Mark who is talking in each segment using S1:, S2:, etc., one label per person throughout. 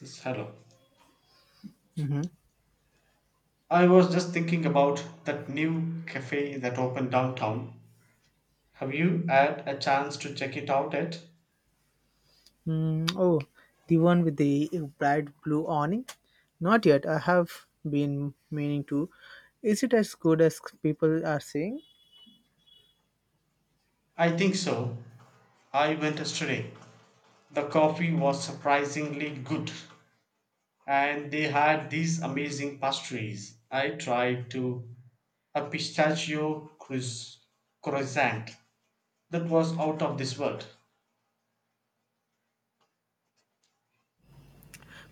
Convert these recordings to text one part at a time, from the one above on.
S1: Yes, hello. I was just thinking about that new cafe that opened downtown. Have you had a chance to check it out yet?
S2: Mm, oh, the one with the bright blue awning? Not yet. I have been meaning to. Is it as good as people are saying?
S1: I think so. I went yesterday. The coffee was surprisingly good, and they had these amazing pastries. I tried to a croissant that was out of this world.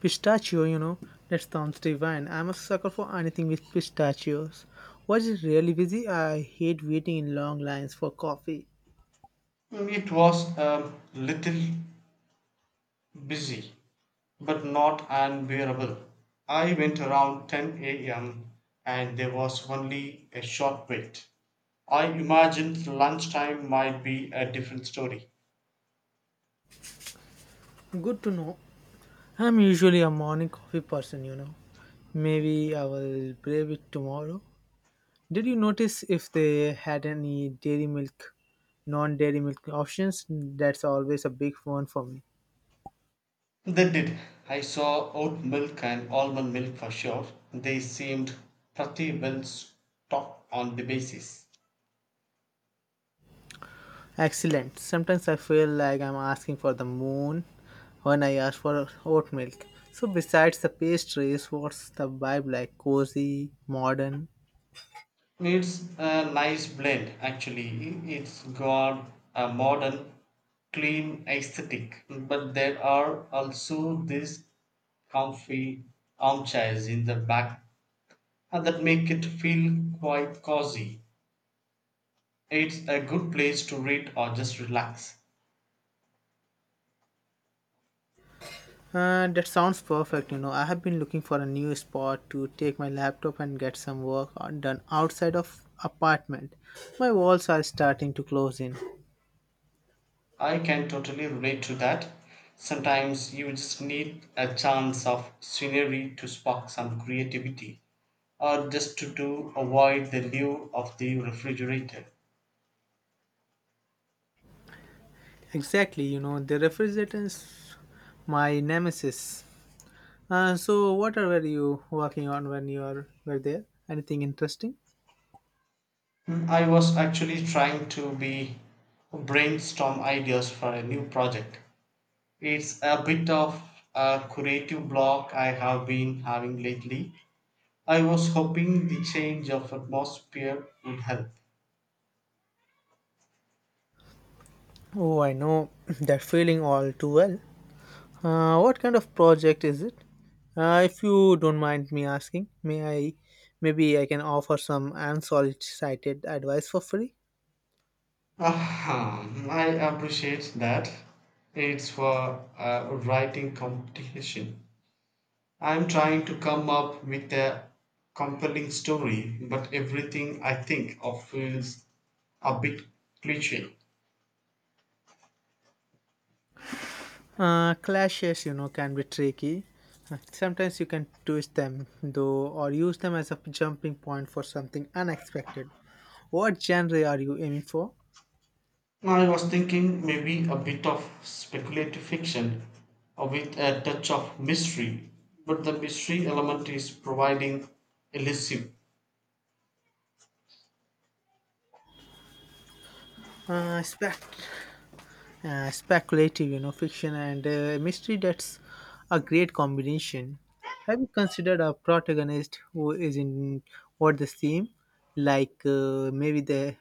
S2: Pistachio, that sounds divine. I'm a sucker for anything with pistachios. Was it really busy? I hate waiting in long lines for coffee.
S1: It was a little busy, but not unbearable. I went around 10 a.m. and there was only a short wait. I imagined lunchtime might be a different story.
S2: Good to know. I'm usually a morning coffee person. Maybe I will brave it tomorrow. Did you notice if they had any dairy milk, non dairy milk options? That's always a big one for me.
S1: They did. I saw oat milk and almond milk for sure. They seemed pretty well stocked on the basis.
S2: Excellent. Sometimes I feel like I'm asking for the moon when I ask for oat milk. So, besides the pastries, what's the vibe like? Cozy, modern?
S1: It's a nice blend actually. It's got a modern, clean aesthetic, but there are also these comfy armchairs in the back that make it feel quite cozy. It's a good place to read or just relax.
S2: That sounds perfect. You know, I have been looking for a new spot to take my laptop and get some work on- done outside of apartment. My walls are starting to close in.
S1: I can totally relate to that. Sometimes you just need a chance of scenery to spark some creativity, or just to do avoid the lure of the refrigerator.
S2: Exactly, the refrigerants, my nemesis. So, what were you working on when were there? Anything interesting?
S1: I was actually trying to be brainstorm ideas for a new project. It's a bit of a creative block I have been having lately. I was hoping the change of atmosphere would help.
S2: Oh, I know that feeling all too well. What kind of project is it? If you don't mind me asking, maybe I can offer some unsolicited advice for free?
S1: Aha, I appreciate that. It's for a writing competition. I'm trying to come up with a compelling story, but everything I think of feels a bit cliche.
S2: Clashes can be tricky. Sometimes you can twist them, though, or use them as a jumping point for something unexpected. What genre are you aiming for?
S1: I was thinking maybe a bit of speculative fiction with a touch of mystery, but the mystery element is providing elusive.
S2: Uh, spect- speculative fiction and mystery. That's a great combination. Have you considered a protagonist who is in what the theme? Like maybe they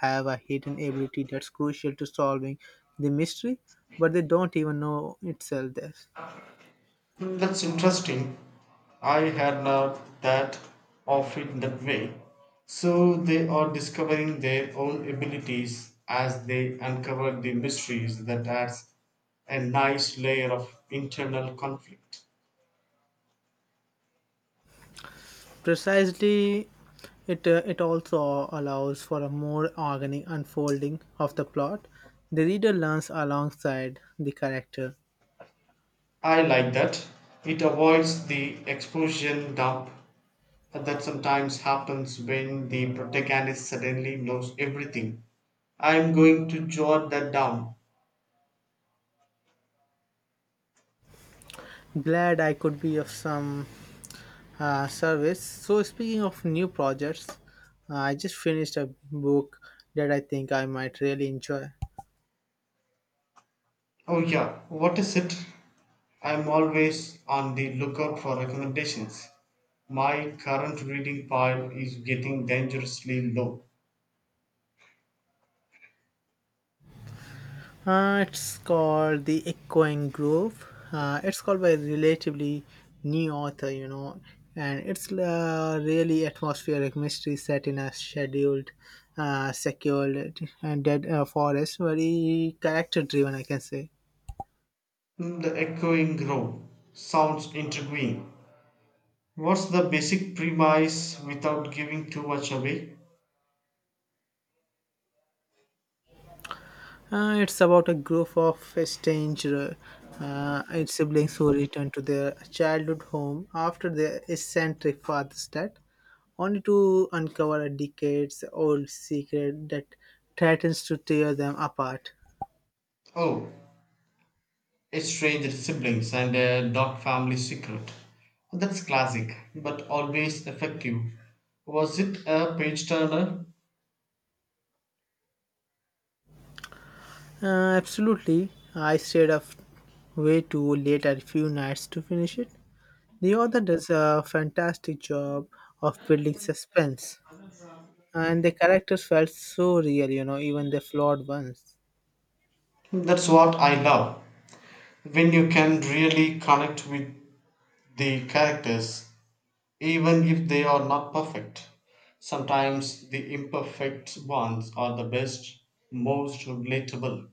S2: have a hidden ability that's crucial to solving the mystery, but they don't even know itself. There,
S1: That's interesting. I had not that of it that way. So they are discovering their own abilities as they uncover the mysteries that adds a nice layer of internal conflict.
S2: precisely. It also allows for a more organic unfolding of the plot. The reader learns alongside the character.
S1: I like that. It avoids the explosion dump that sometimes happens when the protagonist suddenly knows everything. I am going to jot that down.
S2: Glad I could be of some service. So, speaking of new projects, I just finished a book that I think I might really enjoy.
S1: Oh, yeah, what is it? I'm always on the lookout for recommendations. My current reading pile is getting dangerously low.
S2: It's called The Echoing Grove. It's called by a relatively new author, and it's a really atmospheric mystery set in a secured, and dead forest. Very character driven, I can say.
S1: Hmm, the Echoing Grove sounds intriguing. What's the basic premise without giving too much away?
S2: It's about a group of estranged uh, siblings who return to their childhood home after their eccentric father's death, only to uncover a decades-old secret that threatens to tear them apart.
S1: Oh, estranged siblings and a dark family secret. That's classic, but always effective. Was it a page turner?
S2: Absolutely, I stayed up way too late at a few nights to finish it. The author does a fantastic job of building suspense, and the characters felt so real, even the flawed ones.
S1: That's what I love, when you can really connect with the characters, even if they are not perfect. Sometimes the imperfect ones are the best, most relatable.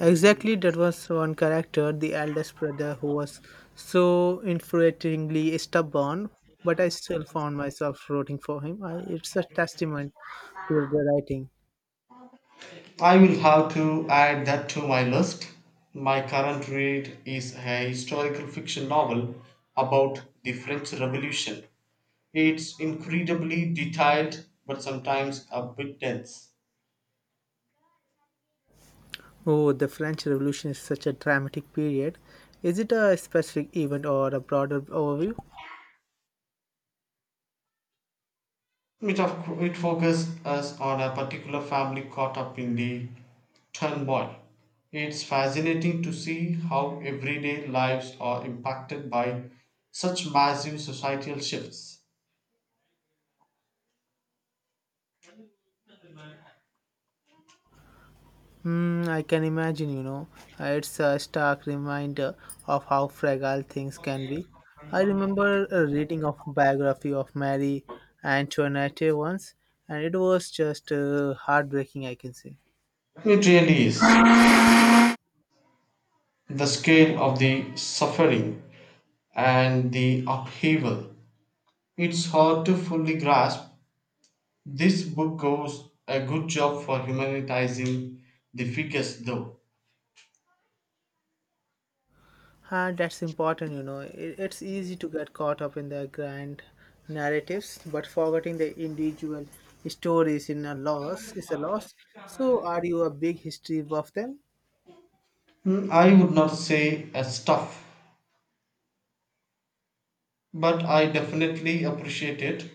S2: Exactly, that was one character, the eldest brother, who was so infuriatingly stubborn, but I still found myself rooting for him. It's a testament to the writing.
S1: I will have to add that to my list. My current read is a historical fiction novel about the French Revolution. It's incredibly detailed but sometimes a bit dense.
S2: Oh, the French Revolution is such a dramatic period. Is it a specific event or a broader overview?
S1: It focuses us on a particular family caught up in the turmoil. It's fascinating to see how everyday lives are impacted by such massive societal shifts.
S2: I can imagine. It's a stark reminder of how fragile things can be. I remember reading of biography of Mary Antoinette once, and it was just heartbreaking, I can say.
S1: It really is. The scale of the suffering and the upheaval. It's hard to fully grasp. This book goes a good job for humanizing the figures, though.
S2: And that's important, you know. It's easy to get caught up in the grand narratives, but forgetting the individual stories in a loss is a loss. So, are you a big history buff then?
S1: Hmm, I would not say a stuff but I definitely appreciate it.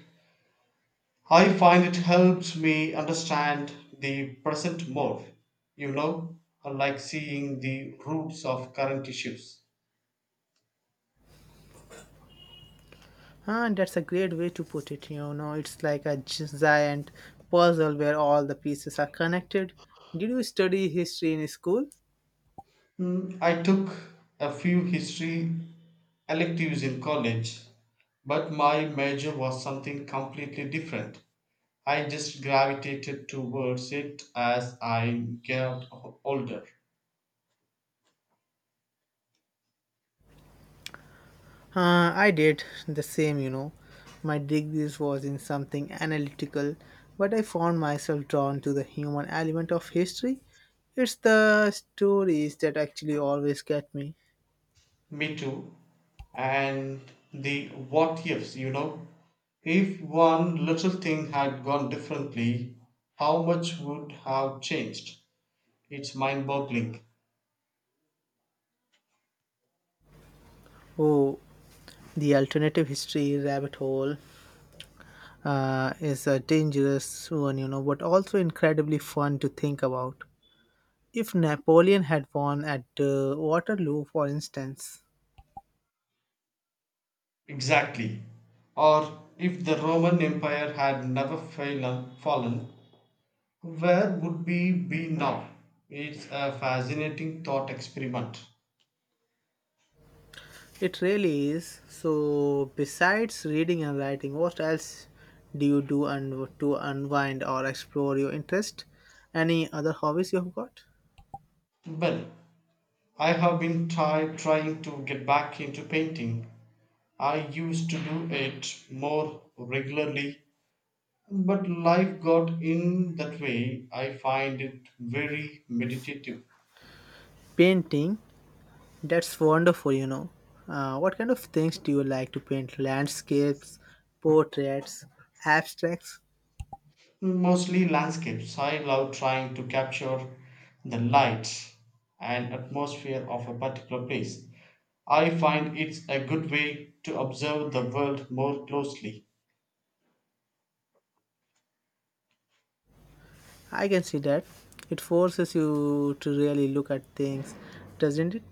S1: I find it helps me understand the present more, you know, like seeing the roots of current issues.
S2: Huh, that's a great way to put it. You know, it's like a giant puzzle where all the pieces are connected. Did you study history in school?
S1: I took a few history electives in college, but my major was something completely different. I just gravitated towards it as I got older.
S2: I did the same, you know. My degrees was in something analytical, but I found myself drawn to the human element of history. It's the stories that actually always get me.
S1: Me too. And the what ifs, you know. If one little thing had gone differently, how much would have changed? It's mind boggling.
S2: Oh, the alternative history rabbit hole is a dangerous one, you know, but also incredibly fun to think about. If Napoleon had won at Waterloo, for instance,
S1: Exactly. Or if the Roman Empire had never fallen, where would we be now? It's a fascinating thought experiment.
S2: it really is. So, besides reading and writing, what else do you do and to unwind or explore your interest? Any other hobbies you have got?
S1: Well, I have been trying to get back into painting. I used to do it more regularly, but life got in that way. I find it very meditative.
S2: Painting, that's wonderful, you know. What kind of things do you like to paint? Landscapes, portraits, abstracts?
S1: Mostly landscapes. I love trying to capture the light and atmosphere of a particular place. I find it's a good way to observe the world more closely.
S2: I can see that. It forces you to really look at things, doesn't it?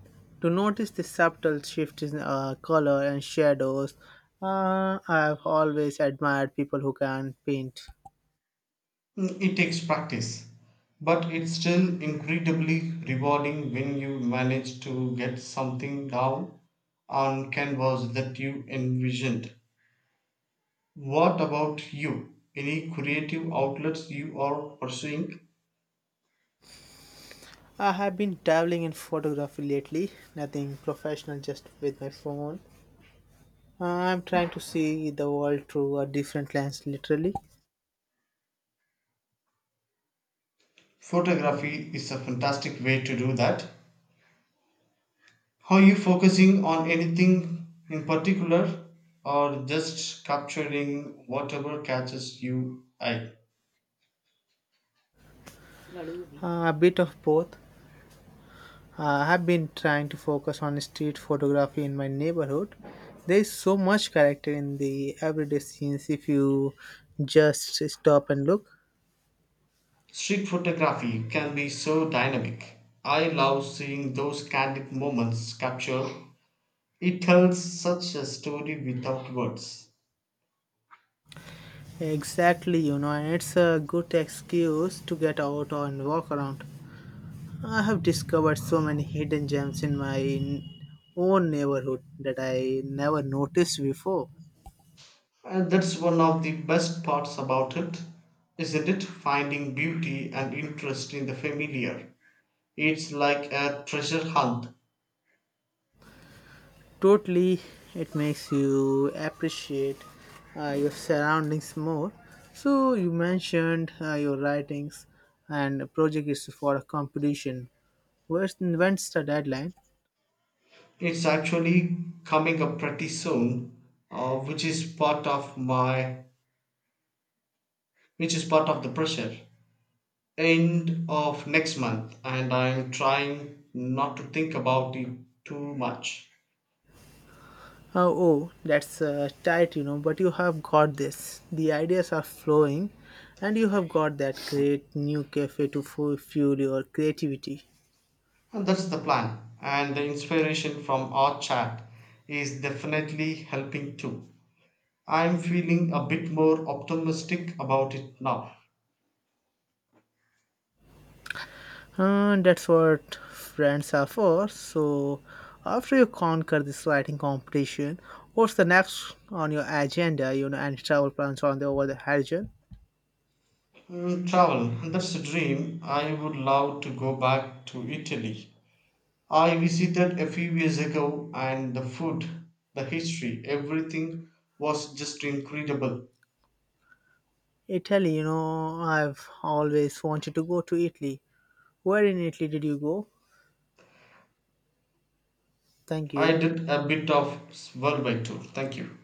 S2: To notice the subtle shift in color and shadows. I've always admired people who can paint.
S1: It takes practice, but it's still incredibly rewarding when you manage to get something down on canvas that you envisioned. What about you? Any creative outlets you are pursuing?
S2: I have been dabbling in photography lately, nothing professional, just with my phone. I'm trying to see the world through a different lens, literally.
S1: Photography is a fantastic way to do that. Are you focusing on anything in particular or just capturing whatever catches you eye?
S2: A bit of both. I've been trying to focus on street photography in my neighborhood. There is so much character in the everyday scenes if you just stop and look.
S1: Street photography can be so dynamic. I love seeing those candid moments captured. It tells such a story without words.
S2: Exactly, you know, and it's a good excuse to get out and walk around. I have discovered so many hidden gems in my own neighborhood that I never noticed before.
S1: And that's one of the best parts about it, isn't it? Finding beauty and interest in the familiar. It's like a treasure hunt.
S2: Totally, it makes you appreciate your surroundings more. So you mentioned your writings and project is for a competition. When's the deadline?
S1: It's actually coming up pretty soon, uh, which is part of my, which is part of the pressure. End of next month and I'm trying not to think about it too much.
S2: Oh, that's tight, you know, but you have got this. The ideas are flowing, and you have got that great new cafe to fuel your creativity.
S1: And that's the plan. And the inspiration from our chat is definitely helping too. I'm feeling a bit more optimistic about it now.
S2: That's what friends are for. So, after you conquer this writing competition, what's the next on your agenda? You know, and travel plans on the over the horizon?
S1: Travel, that's a dream. I would love to go back to Italy. I visited a few years ago and the food, the history, everything was just incredible.
S2: Italy. You know, I've always wanted to go to Italy. Where in Italy did you go? Thank
S1: I
S2: you.
S1: did a bit of worldwide tour. Thank you.